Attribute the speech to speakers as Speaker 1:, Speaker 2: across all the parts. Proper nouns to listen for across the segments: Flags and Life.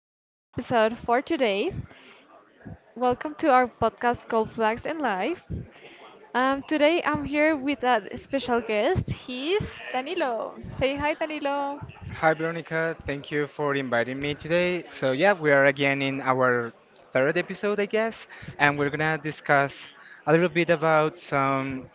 Speaker 1: new episode for today. Welcome to our podcast called Flags and Life. Today I'm here with a special guest. He's Danilo. Say hi, Danilo.
Speaker 2: Hi, Veronica. Thank you for inviting me today. So, yeah, we are again in our third episode, I guess, and we're gonna discuss a little bit about some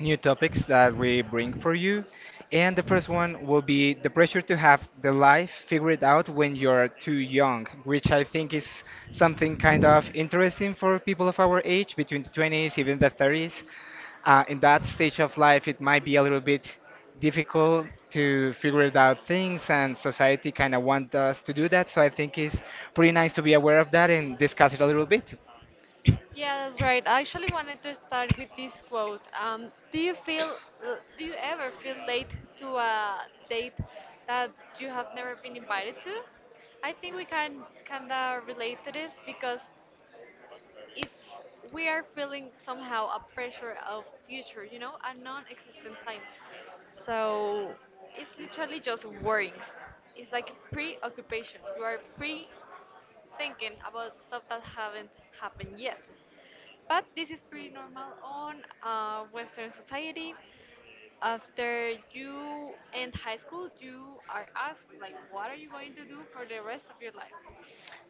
Speaker 2: new topics that we bring for you. And the first one will be the pressure to have the life figured out when you're too young, which I think is something kind of interesting for people of our age, between the 20s, even the 30s. In that stage of life, it might be a little bit difficult to figure it out things, and society kind of wants us to do that. So I think it's pretty nice to be aware of that and discuss it a little bit.
Speaker 1: Yeah, that's right. I actually wanted to start with this quote. Do you do you ever feel late to a date that you have never been invited to? I think we can kinda relate to this because it's we are feeling somehow a pressure of future, you know, a non-existent time. So it's literally just worries. It's like preoccupation. You are pre thinking about stuff that haven't happened yet. But this is pretty normal on Western society. After you end high school, you are asked like, what are you going to do for the rest of your life?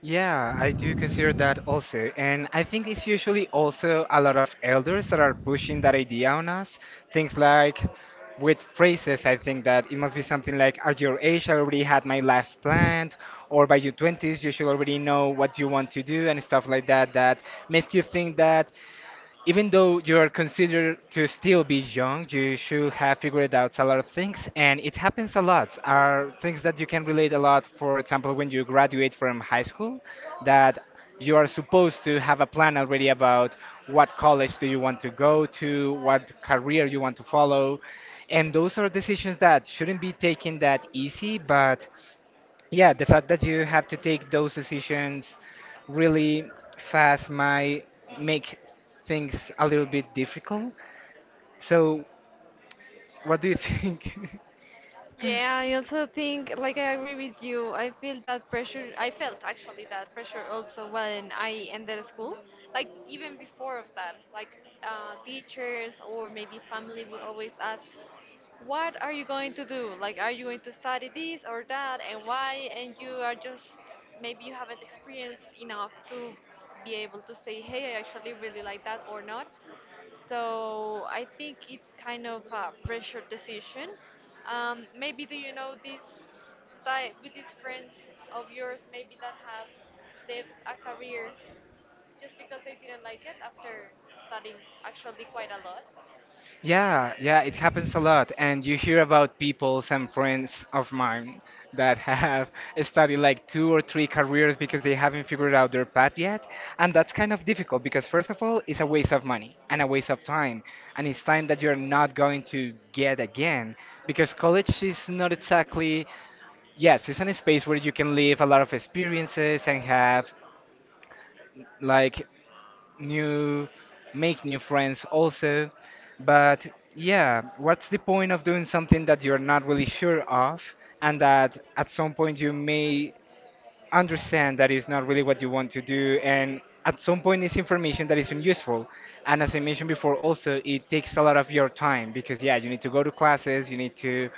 Speaker 2: Yeah, I do consider that also. And I think it's usually also a lot of elders that are pushing that idea on us. Things like with phrases, I think that it must be something like, at your age, I already had my life planned, or by your 20s, you should already know what you want to do, and stuff like that, that makes you think that even though you are considered to still be young, you should have figured out a lot of things, and it happens a lot. Are things that you can relate a lot. For example, when you graduate from high school, that you are supposed to have a plan already about what college do you want to go to, what career you want to follow, and those are decisions that shouldn't be taken that easy, but yeah, the fact that you have to take those decisions really fast might make things a little bit difficult. So, what do you think?
Speaker 1: Yeah, I also think, like, I agree with you. I feel that pressure. I felt actually that pressure also when I ended school. Like, even before of that, teachers or maybe family will always ask, what are you going to do? Like, are you going to study this or that and why? And you are just, maybe you haven't experienced enough to be able to say, hey, I actually really like that or not. So I think it's kind of a pressure decision. Maybe do you know this type with these friends of yours maybe that have left a career just because they didn't like it after studying actually quite a lot?
Speaker 2: Yeah, yeah, it happens a lot. And you hear about people, some friends of mine, that have studied like two or three careers because they haven't figured out their path yet. And that's kind of difficult because, first of all, it's a waste of money and a waste of time. And it's time that you're not going to get again because college is not exactly, yes, it's a space where you can live a lot of experiences and have like new make new friends also. But yeah, what's the point of doing something that you're not really sure of and that at some point you may understand that is not really what you want to do? And at some point it's information that is isn't useful, and as I mentioned before, also it takes a lot of your time because yeah, you need to go to classes, you need to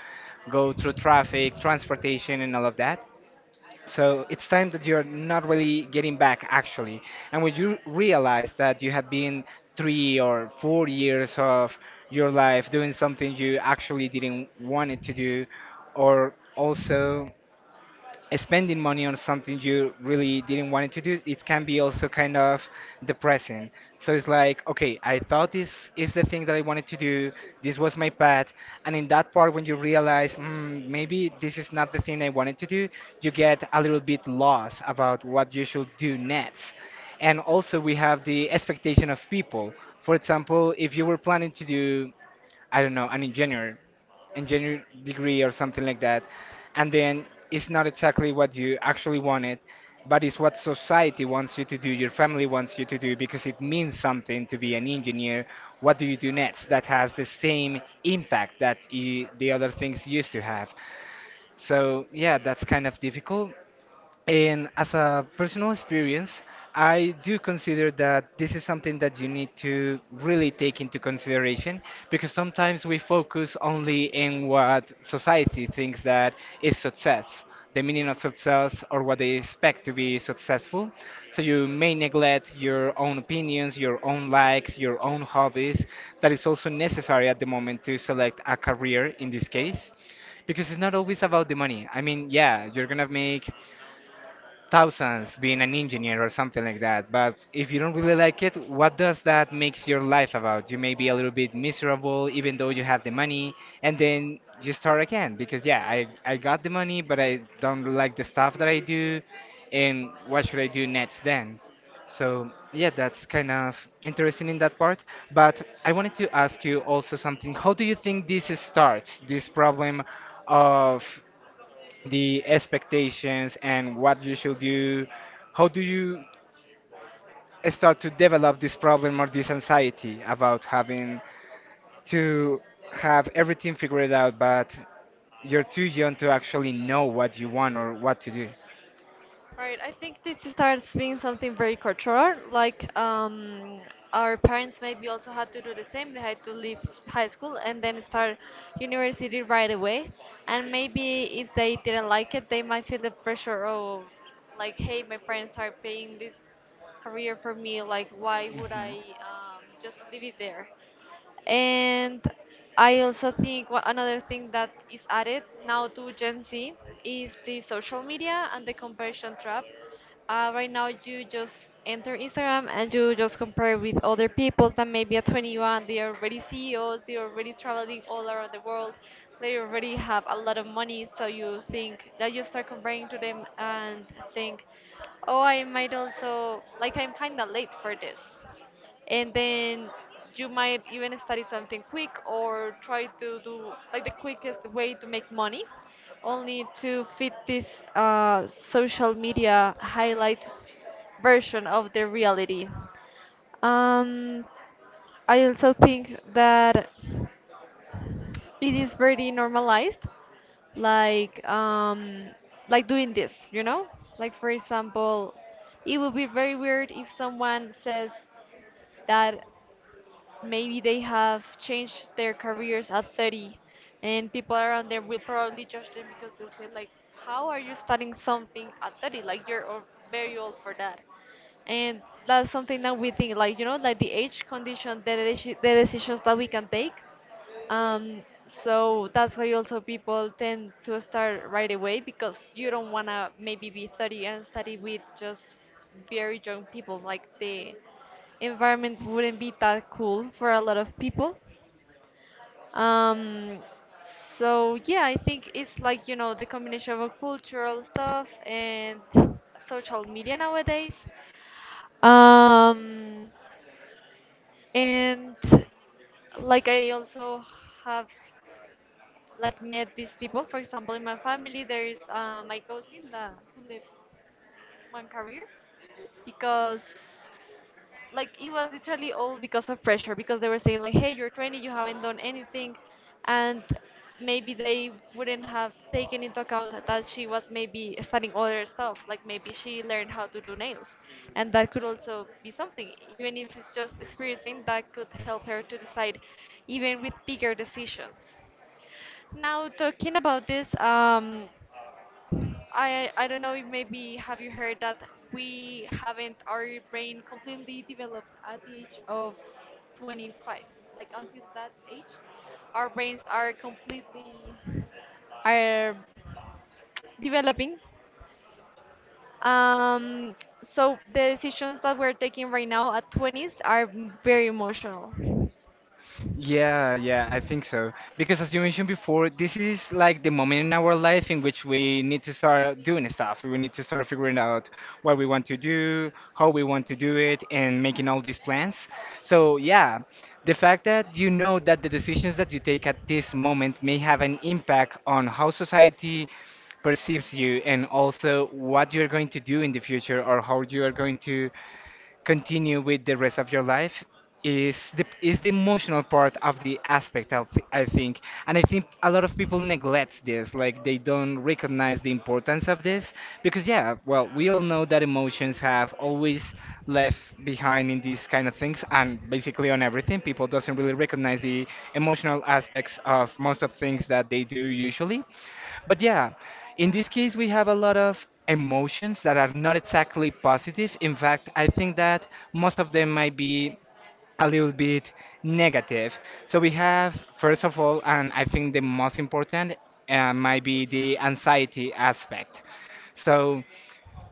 Speaker 2: go through traffic, transportation, and all of that. So it's time that you're not really getting back, actually. And when you realize that you have been three or four years of your life doing something you actually didn't want it to do, or also spending money on something you really didn't want it to do, it can be also kind of depressing. So it's like, okay, I thought this is the thing that I wanted to do, this was my path, and in that part when you realize maybe this is not the thing I wanted to do, you get a little bit lost about what you should do next. And also we have the expectation of people. For example, if you were planning to do, I don't know, an engineer engineering degree or something like that, and then it's not exactly what you actually wanted, but it's what society wants you to do, your family wants you to do, because it means something to be an engineer. What do you do next that has the same impact that I the other things used to have? So, yeah, that's kind of difficult. And as a personal experience, I do consider that this is something that you need to really take into consideration because sometimes we focus only in what society thinks that is success, the meaning of success, or what they expect to be successful. So you may neglect your own opinions, your own likes, your own hobbies. That is also necessary at the moment to select a career in this case because it's not always about the money. I mean, yeah, you're gonna make thousands being an engineer or something like that, but if you don't really like it, what does that makes your life about? You may be a little bit miserable even though you have the money. And then you start again because yeah, I got the money but I don't like the stuff that I do, and what should I do next then? So yeah, that's kind of interesting in that part. But I wanted to ask you also something. How do you think this starts, this problem of the expectations and what you should do? How do you start to develop this problem or this anxiety about having to have everything figured out, but you're too young to actually know what you want or what to do?
Speaker 1: Right, I think this starts being something very cultural. Like our parents maybe also had to do the same. They had to high school and then start university right away. And maybe if they didn't like it, they might feel the pressure of like, hey, my parents are paying this career for me. Like, why would
Speaker 2: Hmm.
Speaker 1: I just leave it there? And I also think another thing that is added now to Gen Z is the social media and the comparison trap. Right now, you just enter Instagram and you just compare with other people that maybe at 21 they are already CEOs, they are already traveling all around the world, they already have a lot of money. So you think that you start comparing to them and think, oh, I might also, like, I'm kind of late for this, and then you might even study something quick or try to do like the quickest way to make money only to fit this social media highlight version of the reality. um, I also think that it is very normalized, like, like doing this, you know, like for example, it would be very weird if someone says that maybe they have changed their careers at 30, and people around them will probably judge them because they'll say like, how are you starting something at 30, like very old for that. And that's something that we think, like, you know, like the age condition the decisions that we can take. So that's why also people tend to start right away, because you don't want to maybe be 30 and study with just very young people, like the environment wouldn't be that cool for a lot of people. Um, so yeah, I think it's like, you know, the combination of cultural stuff and social media nowadays. Um, and like I also have like met these people. For example, in my family, there is my cousin that who lives in Career. Because like it was literally all because of pressure, because they were saying like, hey, you're 20, you haven't done anything, and maybe they wouldn't have taken into account that she was maybe studying other stuff, like maybe she learned how to do nails, and that could also be something, even if it's just experiencing, that could help her to decide even with bigger decisions. Now talking about this, I don't know if maybe have you heard that we haven't our brain completely developed at the age of 25. Like until that age, our brains are developing. Um, so the decisions that we're taking right now at 20s are very emotional.
Speaker 2: Yeah, yeah, I think so. Because as you mentioned before, this is like the moment in our life in which we need to start doing stuff. We need to start figuring out what we want to do, how we want to do it, and making all these plans. So, yeah, the fact that you know that the decisions that you take at this moment may have an impact on how society perceives you and also what you're going to do in the future or how you are going to continue with the rest of your life is the emotional part of the aspect of th- I think. And I think a lot of people neglect this, like, they don't recognize the importance of this because yeah, well, we all know that emotions have always left behind in these kind of things, and basically on everything, people doesn't really recognize the emotional aspects of most of things that they do usually. But yeah, in this case, we have a lot of emotions that are not exactly positive. In fact, I think that most of them might be a little bit negative. So we have, first of all, and I think the most important, might be the anxiety aspect. So,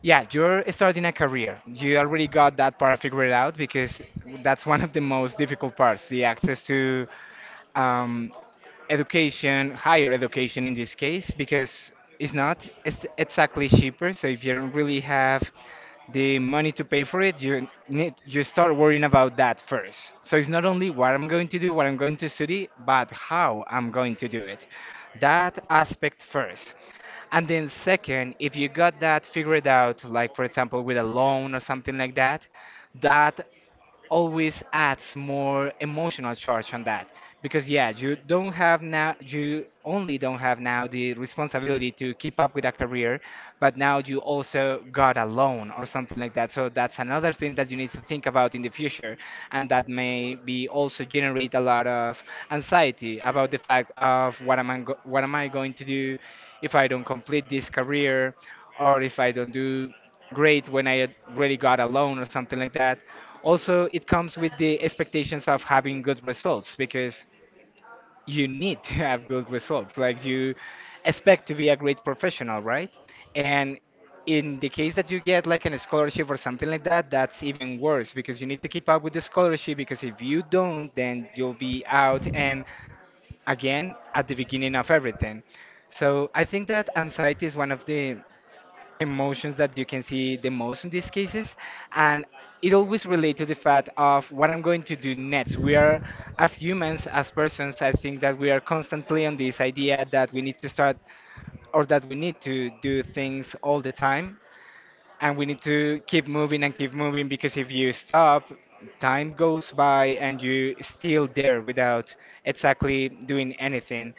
Speaker 2: yeah, you're starting a career. You already got that part figured out because that's one of the most difficult parts, the access to um, education, higher education in this case, because it's exactly cheaper. So if you don't really have the money to pay for it, you start worrying about that first. So it's not only what I'm going to do, what I'm going to study, but how I'm going to do it. That aspect first. And then second, if you got that figured out, like for example with a loan or something like that, that always adds more emotional charge on that because yeah, you only don't have now the responsibility to keep up with a career, but now you also got a loan or something like that, so that's another thing that you need to think about in the future. And that may be also generate a lot of anxiety about the fact of what am what am I going to do if I don't complete this career, or if I don't do great when I really got a loan or something like that. Also, it comes with the expectations of having good results because you need to have good results. Like, you expect to be a great professional, right? And in the case that you get like an scholarship or something like that, that's even worse because you need to keep up with the scholarship, because if you don't, then you'll be out and again at the beginning of everything. So I think that anxiety is one of the emotions that you can see the most in these cases, and it always relates to the fact of what I'm going to do next. We are, as humans, as persons, I think that we are constantly on this idea that we need to start or that we need to do things all the time, and we need to keep moving and keep moving because if you stop, time goes by and you still there without exactly doing anything.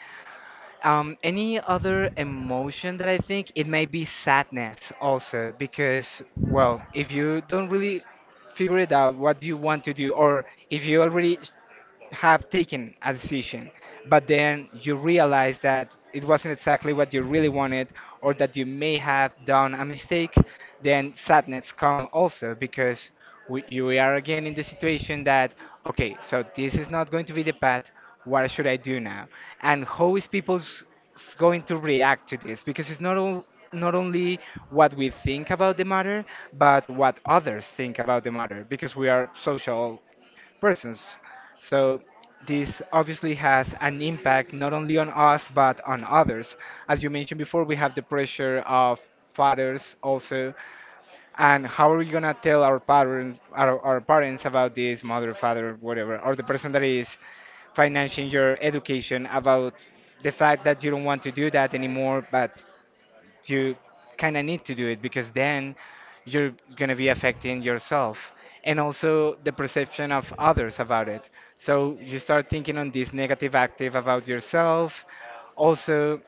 Speaker 2: Any other emotion that I think it may be sadness also because well, if you don't really figure it out what you want to do, or if you already have taken a decision, but then you realize that it wasn't exactly what you really wanted, or that you may have done a mistake, then sadness come also because you we are again in the situation that okay, so this is not going to be the path. What should I do now? And how is people's going to react to this because it's not all not only what we think about the matter but what others think about the matter because we are social persons. So this obviously has an impact not only on us but on others. As you mentioned before, we have the pressure of fathers also, and how are we gonna tell our parents, our parents about this mother, father, whatever, or the person that is financing your education about the fact that you don't want to do that anymore, but you kind of need to do it because then you're going to be affecting yourself and also the perception of others about it. So you start thinking on this negative active about yourself. Also,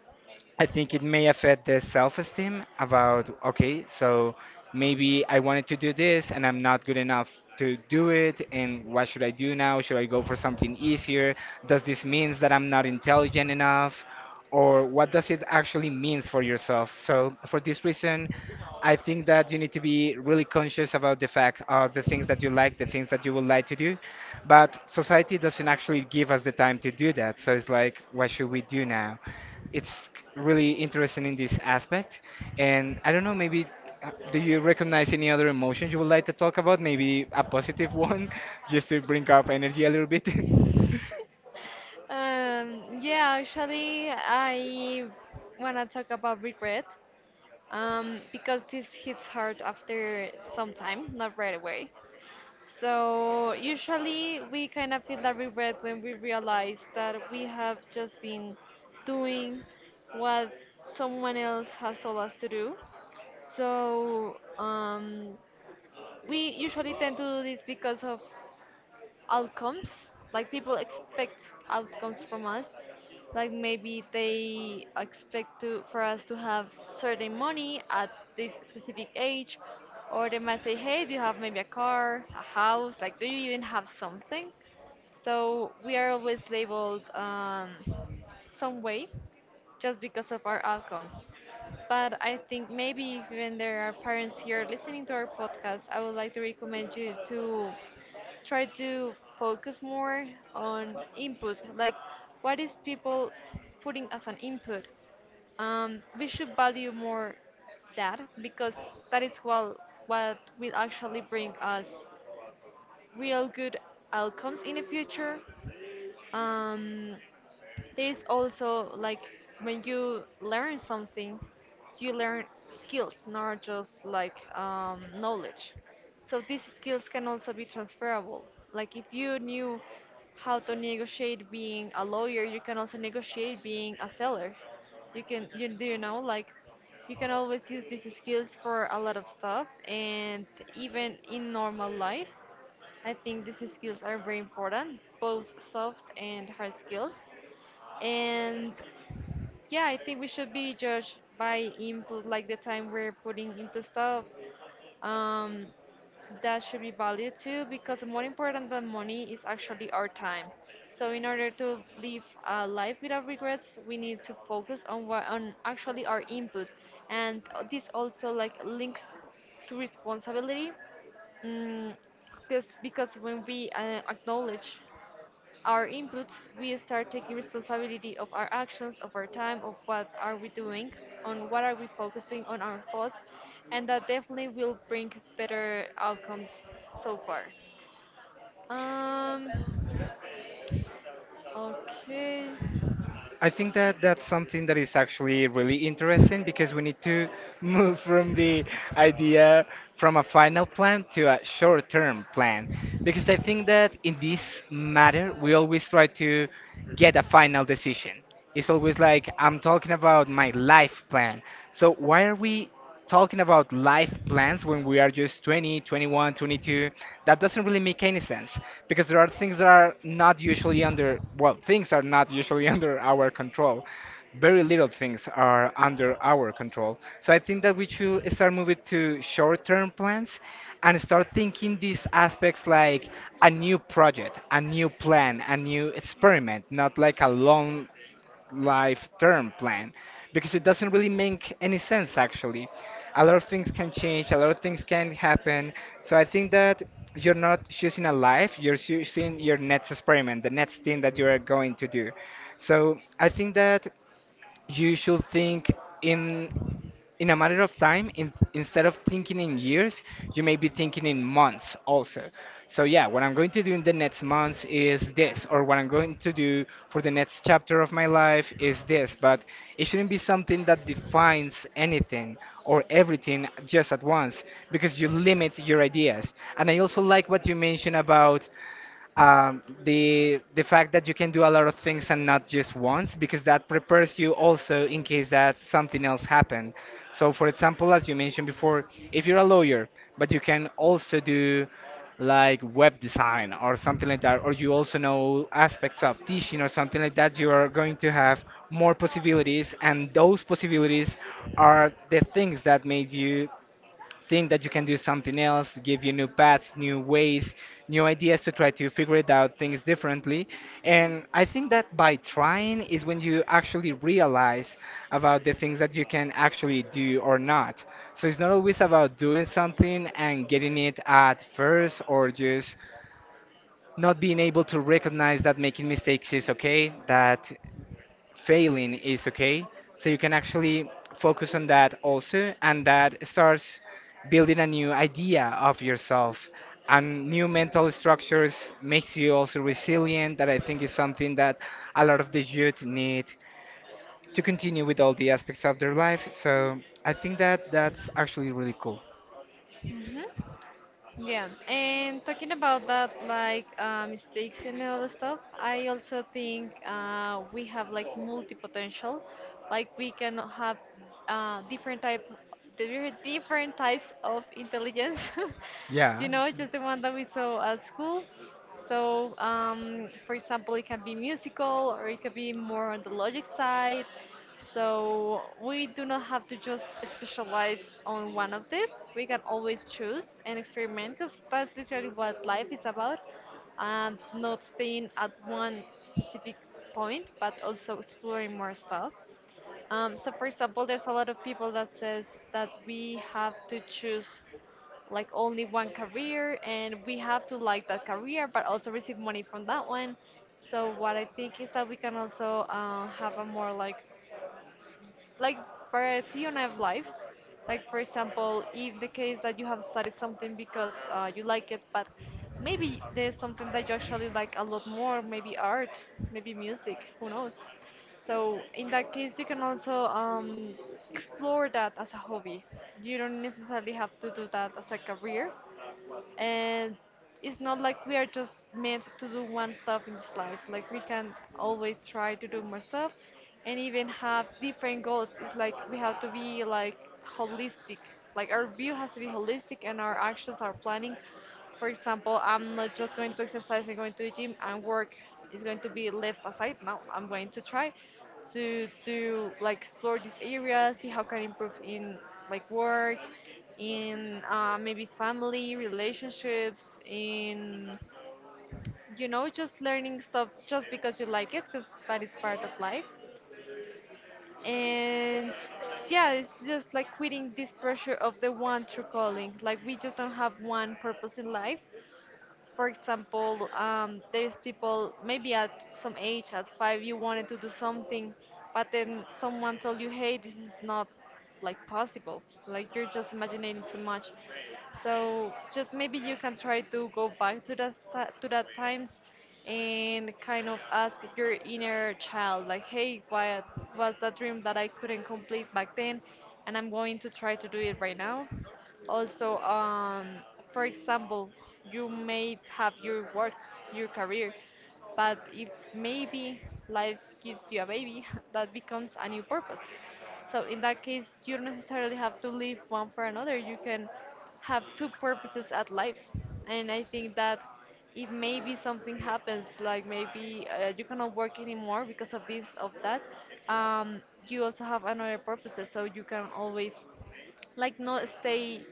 Speaker 2: I think it may affect the self-esteem about, okay, so maybe I wanted to do this and I'm not good enough to do it, and what should I do now? Should I go for something easier? Does this means that I'm not intelligent enough? Or what does it actually means for yourself? So for this reason, I think that you need to be really conscious about the fact of the things that you like, the things that you would like to do. But society doesn't actually give us the time to do that. So it's like, what should we do now? It's really interesting in this aspect. And I don't know, maybe do you recognize any other emotions you would like to talk about? Maybe a positive one, just to bring up energy a little bit.
Speaker 1: Yeah, actually, I wanna talk about regret. Because this hits hard after some time, not right away. So usually we kind of feel that regret when we realize that we have just been doing what someone else has told us to do. So we usually tend to do this because of outcomes, like people expect outcomes from us, like maybe they expect to for us to have certain money at this specific age, or they might say, hey, do you have maybe a car, a house, like do you even have something? So we are always labeled some way just because of our outcomes. But I think maybe if even there are parents here listening to our podcast, I would like to recommend you to try to focus more on input, like what is people putting as an input. We should value more that, because that is what will actually bring us real good outcomes in the future. Um, there's also like when you learn something, you learn skills, not just knowledge. So these skills can also be transferable. Like if you knew how to negotiate being a lawyer, you can also negotiate being a seller. You can, you do you know, like you can always use these skills for a lot of stuff, and even in normal life, I think these skills are very important, both soft and hard skills. And yeah, I think we should be judged by input, like the time we're putting into stuff. Um, that should be valued too, because more important than money is actually our time. So in order to live a life without regrets, we need to focus on what on actually our input, and this also like links to responsibility. Mm, because when we acknowledge our inputs, we start taking responsibility of our actions, of our time, of what are we doing, on what are we focusing on our thoughts, and that definitely will bring better outcomes so far. Um, okay.
Speaker 2: I think that that's something that is actually really interesting because we need to move from the idea from a final plan to a short-term plan. Because I think that in this matter, we always try to get a final decision. It's always like, I'm talking about my life plan. So why are we talking about life plans when we are just 20, 21, 22, that doesn't really make any sense because there are things that are not usually under, well, things are not usually under our control. Very little things are under our control. So I think that we should start moving to short term plans and start thinking these aspects like a new project, a new plan, a new experiment, not like a long life term plan because it doesn't really make any sense actually. A lot of things can change, a lot of things can happen. So I think that you're not choosing a life, you're choosing your next experiment, the next thing that you are going to do. So I think that you should think in in a matter of time, instead of thinking in years, you may be thinking in months also. So, yeah, what I'm going to do in the next months is this, or what I'm going to do for the next chapter of my life is this. But it shouldn't be something that defines anything or everything just at once because you limit your ideas. And I also like what you mentioned about the fact that you can do a lot of things and not just once because that prepares you also in case that something else happened. So for example, as you mentioned before, if you're a lawyer but you can also do like web design or something like that, or you also know aspects of teaching or something like that, you are going to have more possibilities and those possibilities are the things that made you think that you can do something else to give you new paths, new ways, new ideas to try to figure it out things differently. And I think that by trying is when you actually realize about the things that you can actually do or not. So it's not always about doing something and getting it at first or just not being able to recognize that making mistakes is okay, that failing is okay. So you can actually focus on that also, and that starts building a new idea of yourself. And new mental structures makes you also resilient. That I think is something that a lot of the youth need to continue with all the aspects of their life. So I think that that's actually really cool.
Speaker 1: Mhm. Yeah, and talking about that, like mistakes and all the stuff, I also think we have like multi-potential, like we can have uh, different type, different types of intelligence.
Speaker 2: Yeah,
Speaker 1: You know,
Speaker 2: sure.
Speaker 1: just the one that we saw at school. So, for example, it can be musical, or it could be more on the logic side, so we do not have to just specialize on one of these. We can always choose and experiment because that's literally what life is about. Not staying at one specific point, but also exploring more stuff. So for example, there's a lot of people that says that we have to choose like only one career and we have to like that career, but also receive money from that one. So what I think is that we can also have a more like variety on our lives. Like for example, if the case that you have studied something because you like it, but maybe there's something that you actually like a lot more, maybe art, maybe music, who knows? So in that case, you can also explore that as a hobby. You don't necessarily have to do that as a career, and it's not like we are just meant to do one stuff in this life, like we can always try to do more stuff and even have different goals. It's like we have to be like holistic, like our view has to be holistic, and our actions, our planning, for example, I'm not just going to exercise and going to the gym and work is going to be left aside. No, I'm going to try to do like explore this area, see how can improve in like work, in maybe family relationships, in you know, just learning stuff just because you like it, because that is part of life. And yeah, it's just like quitting this pressure of the one true calling, like we just don't have one purpose in life. For example, there's people maybe at some age, at five, you wanted to do something, but then someone told you, hey, this is not like possible. Like you're just imagining too much. So just maybe you can try to go back to to that times and kind of ask your inner child, like, hey, what was that dream that I couldn't complete back then, and I'm going to try to do it right now. Also, for example, you may have your work, your career, but if maybe life gives you a baby, that becomes a new purpose. So in that case, you don't necessarily have to live one for another. You can have two purposes at life, and I think that if maybe something happens, like maybe you cannot work anymore because of this, of that, um, you also have another purposes, so you can always like not stay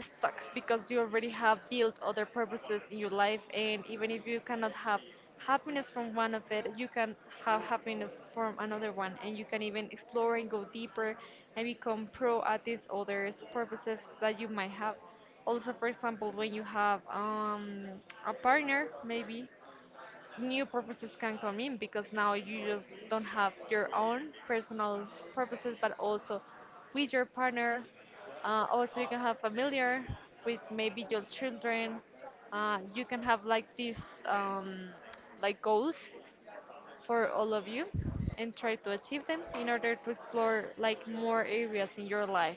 Speaker 1: stuck because you already have built other purposes in your life, and even if you cannot have happiness from one of it, you can have happiness from another one. And you can even explore and go deeper and become pro at these other purposes that you might have. Also, for example, when you have a partner, maybe new purposes can come in because now you just don't have your own personal purposes, but also with your partner. Also, you can have familiar with maybe your children. You can have like these um, like goals for all of you and try to achieve them in order to explore like more areas in your life.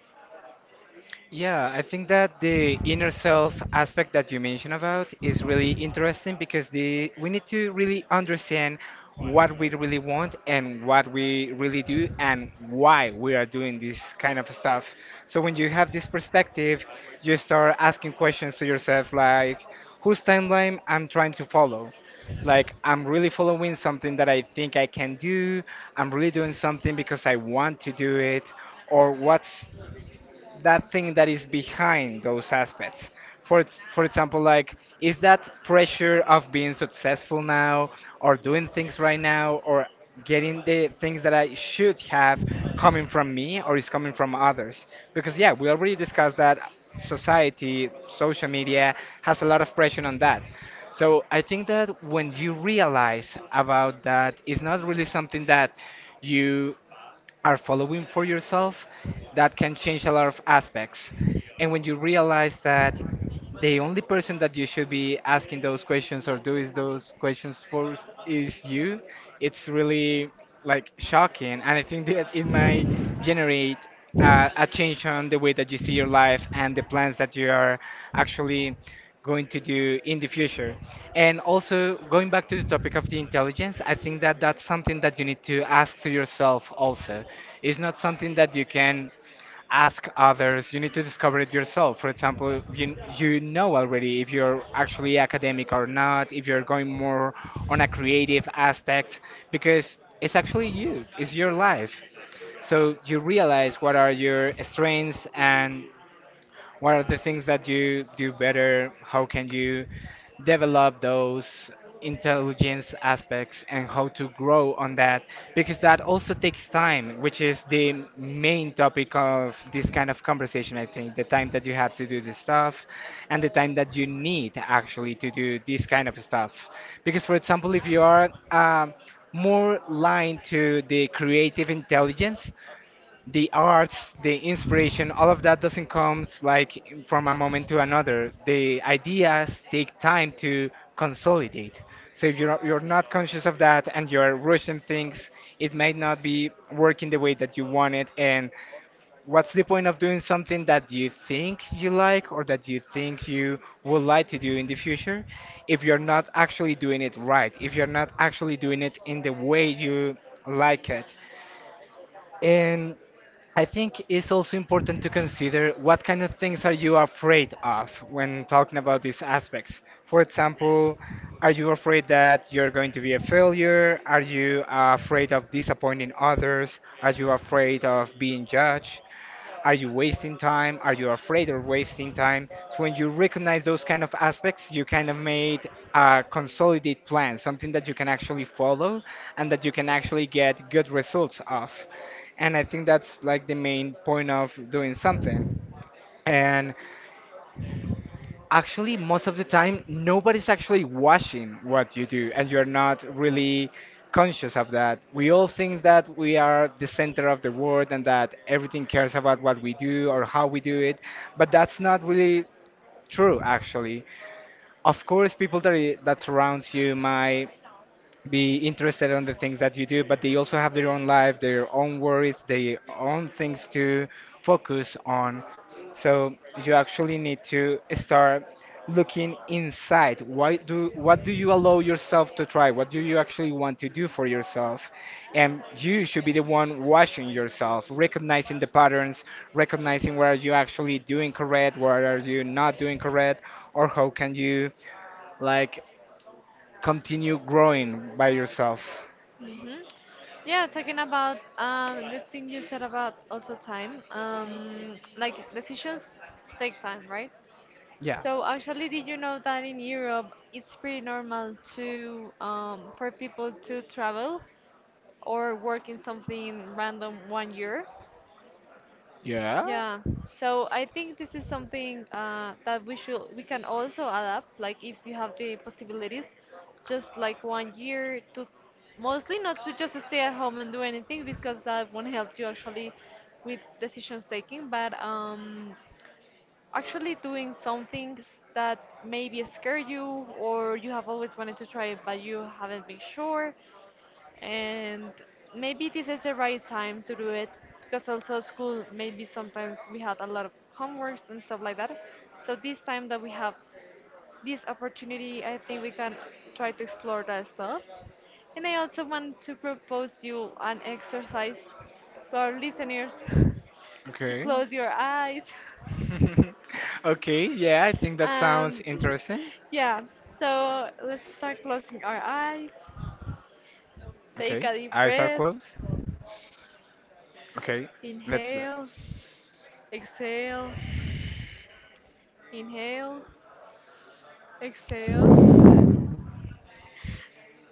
Speaker 2: Yeah, I think that the inner self aspect that you mentioned about is really interesting because the we need to really understand what we really want and what we really do and why we are doing this kind of stuff. So when you have this perspective, you start asking questions to yourself like whose timeline I'm trying to follow. Like I'm really following something that I think I can do. I'm really doing something because I want to do it or what's that thing that is behind those aspects. For example, like is that pressure of being successful now, or doing things right now, or getting the things that I should have coming from me, or is coming from others? Because yeah, we already discussed that society, social media has a lot of pressure on that. So I think that when you realize about that, it's not really something that you are following for yourself, that can change a lot of aspects. And when you realize that the only person that you should be asking those questions or doing those questions for is you, it's really like shocking. And I think that it might generate a change on the way that you see your life and the plans that you are actually going to do in the future. And also, going back to the topic of the intelligence, I think that that's something that you need to ask to yourself also. It's not something that you can ask others. You need to discover it yourself. For example, you know already if you're actually academic or not, if you're going more on a creative aspect, because it's actually you, it's your life. So you realize what are your strengths and what are the things that you do better? How can you develop those intelligence aspects and how to grow on that? Because that also takes time, which is the main topic of this kind of conversation, I think. The time that you have to do this stuff and the time that you need actually to do this kind of stuff. Because, for example, if you are more lined to the creative intelligence, the arts, the inspiration, all of that doesn't come like from a moment to another. The ideas take time to consolidate. So if you're not conscious of that and you're rushing things, it might not be working the way that you want it. And what's the point of doing something that you think you like or that you think you would like to do in the future if you're not actually doing it right, if you're not actually doing it in the way you like it? And I think it's also important to consider what kind of things are you afraid of when talking about these aspects. For example, are you afraid that you're going to be a failure? Are you afraid of disappointing others? Are you afraid of being judged? Are you wasting time? Are you afraid of wasting time? So when you recognize those kind of aspects, you kind of made a consolidate plan, something that you can actually follow and that you can actually get good results of. And I think that's like the main point of doing something. And actually, most of the time, nobody's actually watching what you do, and you're not really conscious of that. We all think that we are the center of the world and that everything cares about what we do or how we do it, but that's not really true, actually. Of course, people that, that surrounds you might be interested on the things that you do, but they also have their own life, their own worries, their own things to focus on. So you actually need to start looking inside. Why do What do you allow yourself to try? What do you actually want to do for yourself? And you should be the one watching yourself, recognizing the patterns, recognizing what are you actually doing correct, what are you not doing correct, or how can you like continue growing by yourself.
Speaker 1: Hmm. Yeah, talking about the thing you said about also time, like decisions take time, right?
Speaker 2: Yeah.
Speaker 1: So actually, did you know that in Europe it's pretty normal to for people to travel or work in something random 1 year?
Speaker 2: Yeah.
Speaker 1: Yeah, so I think this is something that we can also adapt. Like if you have the possibilities, just like 1 year to mostly not to just stay at home and do anything, because that won't help you actually with decisions taking, but actually doing some things that maybe scare you, or you have always wanted to try it but you haven't been sure, and maybe this is the right time to do it. Because also school, maybe sometimes we had a lot of homeworks and stuff like that, so this time that we have, this opportunity, I think we can try to explore that stuff. And I also want to propose you an exercise to our listeners to
Speaker 2: Okay.
Speaker 1: close your eyes.
Speaker 2: Okay. Yeah, I think that sounds
Speaker 1: um
Speaker 2: interesting.
Speaker 1: yeah, so let's start closing our eyes, take
Speaker 2: Okay.
Speaker 1: a deep
Speaker 2: Eyes are
Speaker 1: breath,
Speaker 2: closed. Okay. Let's bet.
Speaker 1: inhale, exhale, inhale, exhale,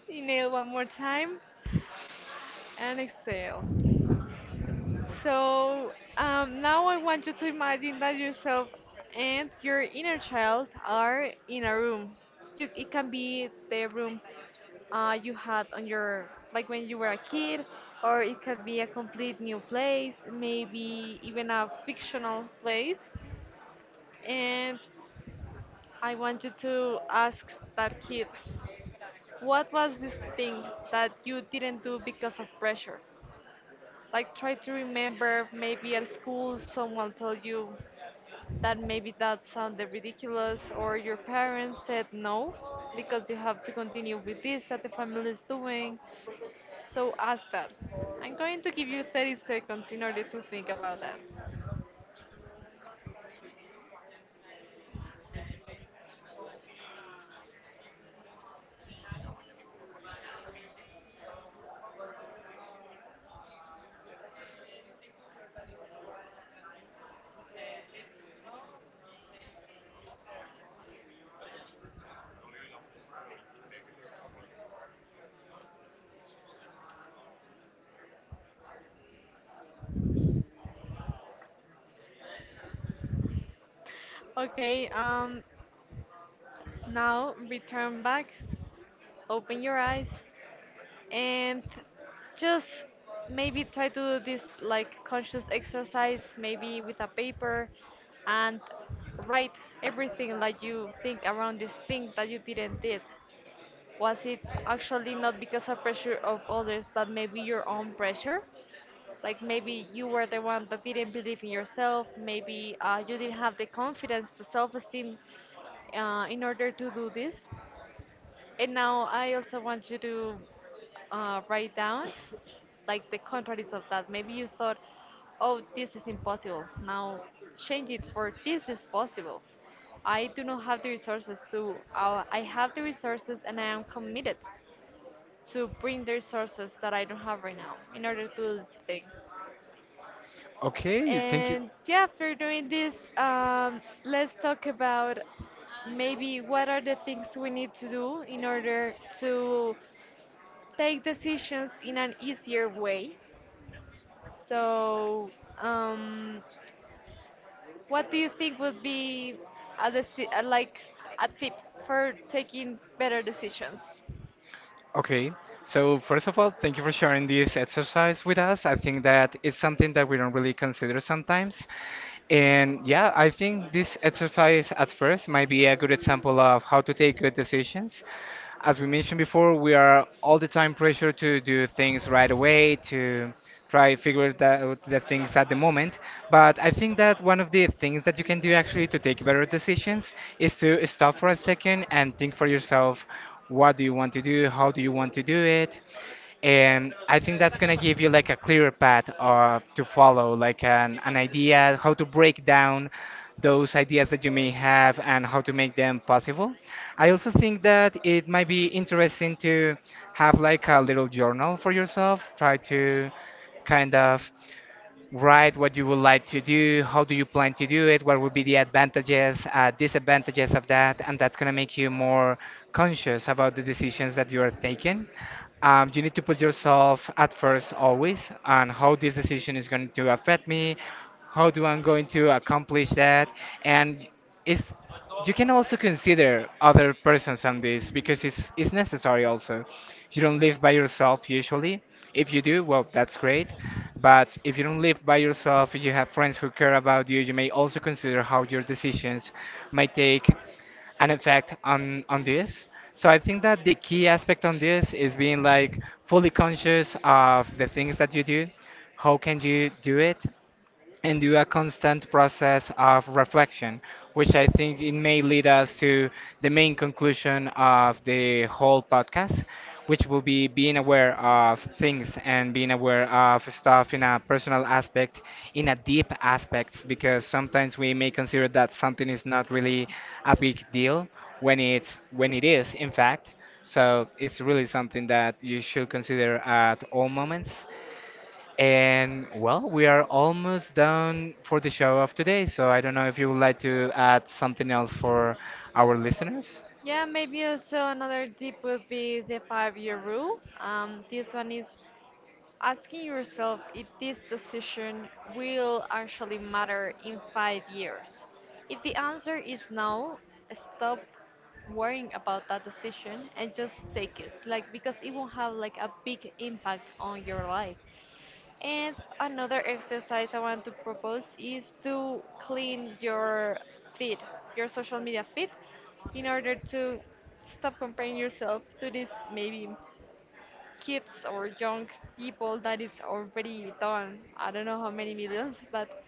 Speaker 1: inhale one more time, and exhale. So now I want you to imagine that yourself and your inner child are in a room. You, it can be the room you had on your, like when you were a kid, or it can be a complete new place, maybe even a fictional place. And I want you to ask that kid, what was this thing that you didn't do because of pressure? Like, try to remember, maybe at school someone told you that maybe that sounded ridiculous, or your parents said no because you have to continue with this that the family is doing. So, ask that. I'm going to give you 30 seconds in order to think about that. Okay, now return back, open your eyes, and just maybe try to do this like conscious exercise, maybe with a paper, and write everything that you think around this thing that you didn't did. Was it actually not because of pressure of others, but maybe your own pressure? Like maybe you were the one that didn't believe in yourself. Maybe you didn't have the confidence, the self-esteem, in order to do this. And now I also want you to write down like the contraries of that. Maybe you thought, oh, this is impossible. Now change it for, this is possible. I do not have the resources to, I have the resources and I am committed to bring the resources that I don't have right now in order to do this thing.
Speaker 2: Okay. Thank you.
Speaker 1: And yeah, after doing this, let's talk about maybe what are the things we need to do in order to take decisions in an easier way. So, um, what do you think would be a deci like a tip for taking better decisions?
Speaker 2: Okay. So first of all, thank you for sharing this exercise with us. I think that it's something that we don't really consider sometimes. And yeah, I think this exercise at first might be a good example of how to take good decisions. As we mentioned before, we are all the time pressured to do things right away, to try figure that, out the things at the moment. But I think that one of the things that you can do actually to take better decisions is to stop for a second and think for yourself, what do you want to do? How do you want to do it? And I think that's going to give you like a clearer path to follow like an idea how to break down those ideas that you may have and how to make them possible. I also think that it might be interesting to have like a little journal for yourself, try to kind of write what you would like to do, how do you plan to do it, what would be the advantages, disadvantages of that, and that's going to make you more conscious about the decisions that you are taking. You need to put yourself at first always on how this decision is going to affect me, how do I'm going to accomplish that, and it's you can also consider other persons on this because it's necessary also. You don't live by yourself usually. If you do, well, that's great. But if you don't live by yourself, you have friends who care about you. You may also consider how your decisions might take an effect on this. So I think that the key aspect on this is being like fully conscious of the things that you do. How can you do it? And do a constant process of reflection, which I think it may lead us to the main conclusion of the whole podcast, which will be being aware of things and being aware of stuff in a personal aspect, in a deep aspect, because sometimes we may consider that something is not really a big deal when it's when it is, in fact. So it's really something that you should consider at all moments. And well, we are almost done for the show of today, so I don't know if you would like to add something else for our listeners.
Speaker 1: Yeah, maybe also another tip would be the five-year rule. This one is asking yourself if this decision will actually matter in 5 years. If the answer is no, stop worrying about that decision and just take it, like, because it will not have like a big impact on your life. And another exercise I want to propose is to clean your feed, your social media feed, in order to stop comparing yourself to these maybe kids or young people that is already done. I don't know how many millions, but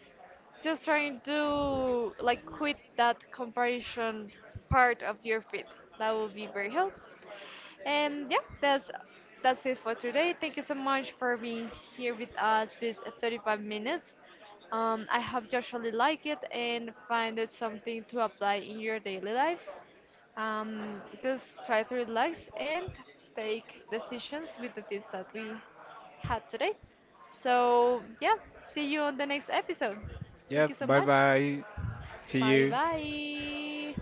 Speaker 1: just trying to like quit that comparison part of your feed. That would be very helpful. And yeah, that's it for today. Thank you so much for being here with us this 35 minutes. I hope you actually like it and find it something to apply in your daily lives. Just try to relax and take decisions with the tips that we had today. So yeah, see you on the next episode. Thank
Speaker 2: Yep,
Speaker 1: you so
Speaker 2: bye
Speaker 1: much.
Speaker 2: bye. See
Speaker 1: Bye
Speaker 2: you.
Speaker 1: bye.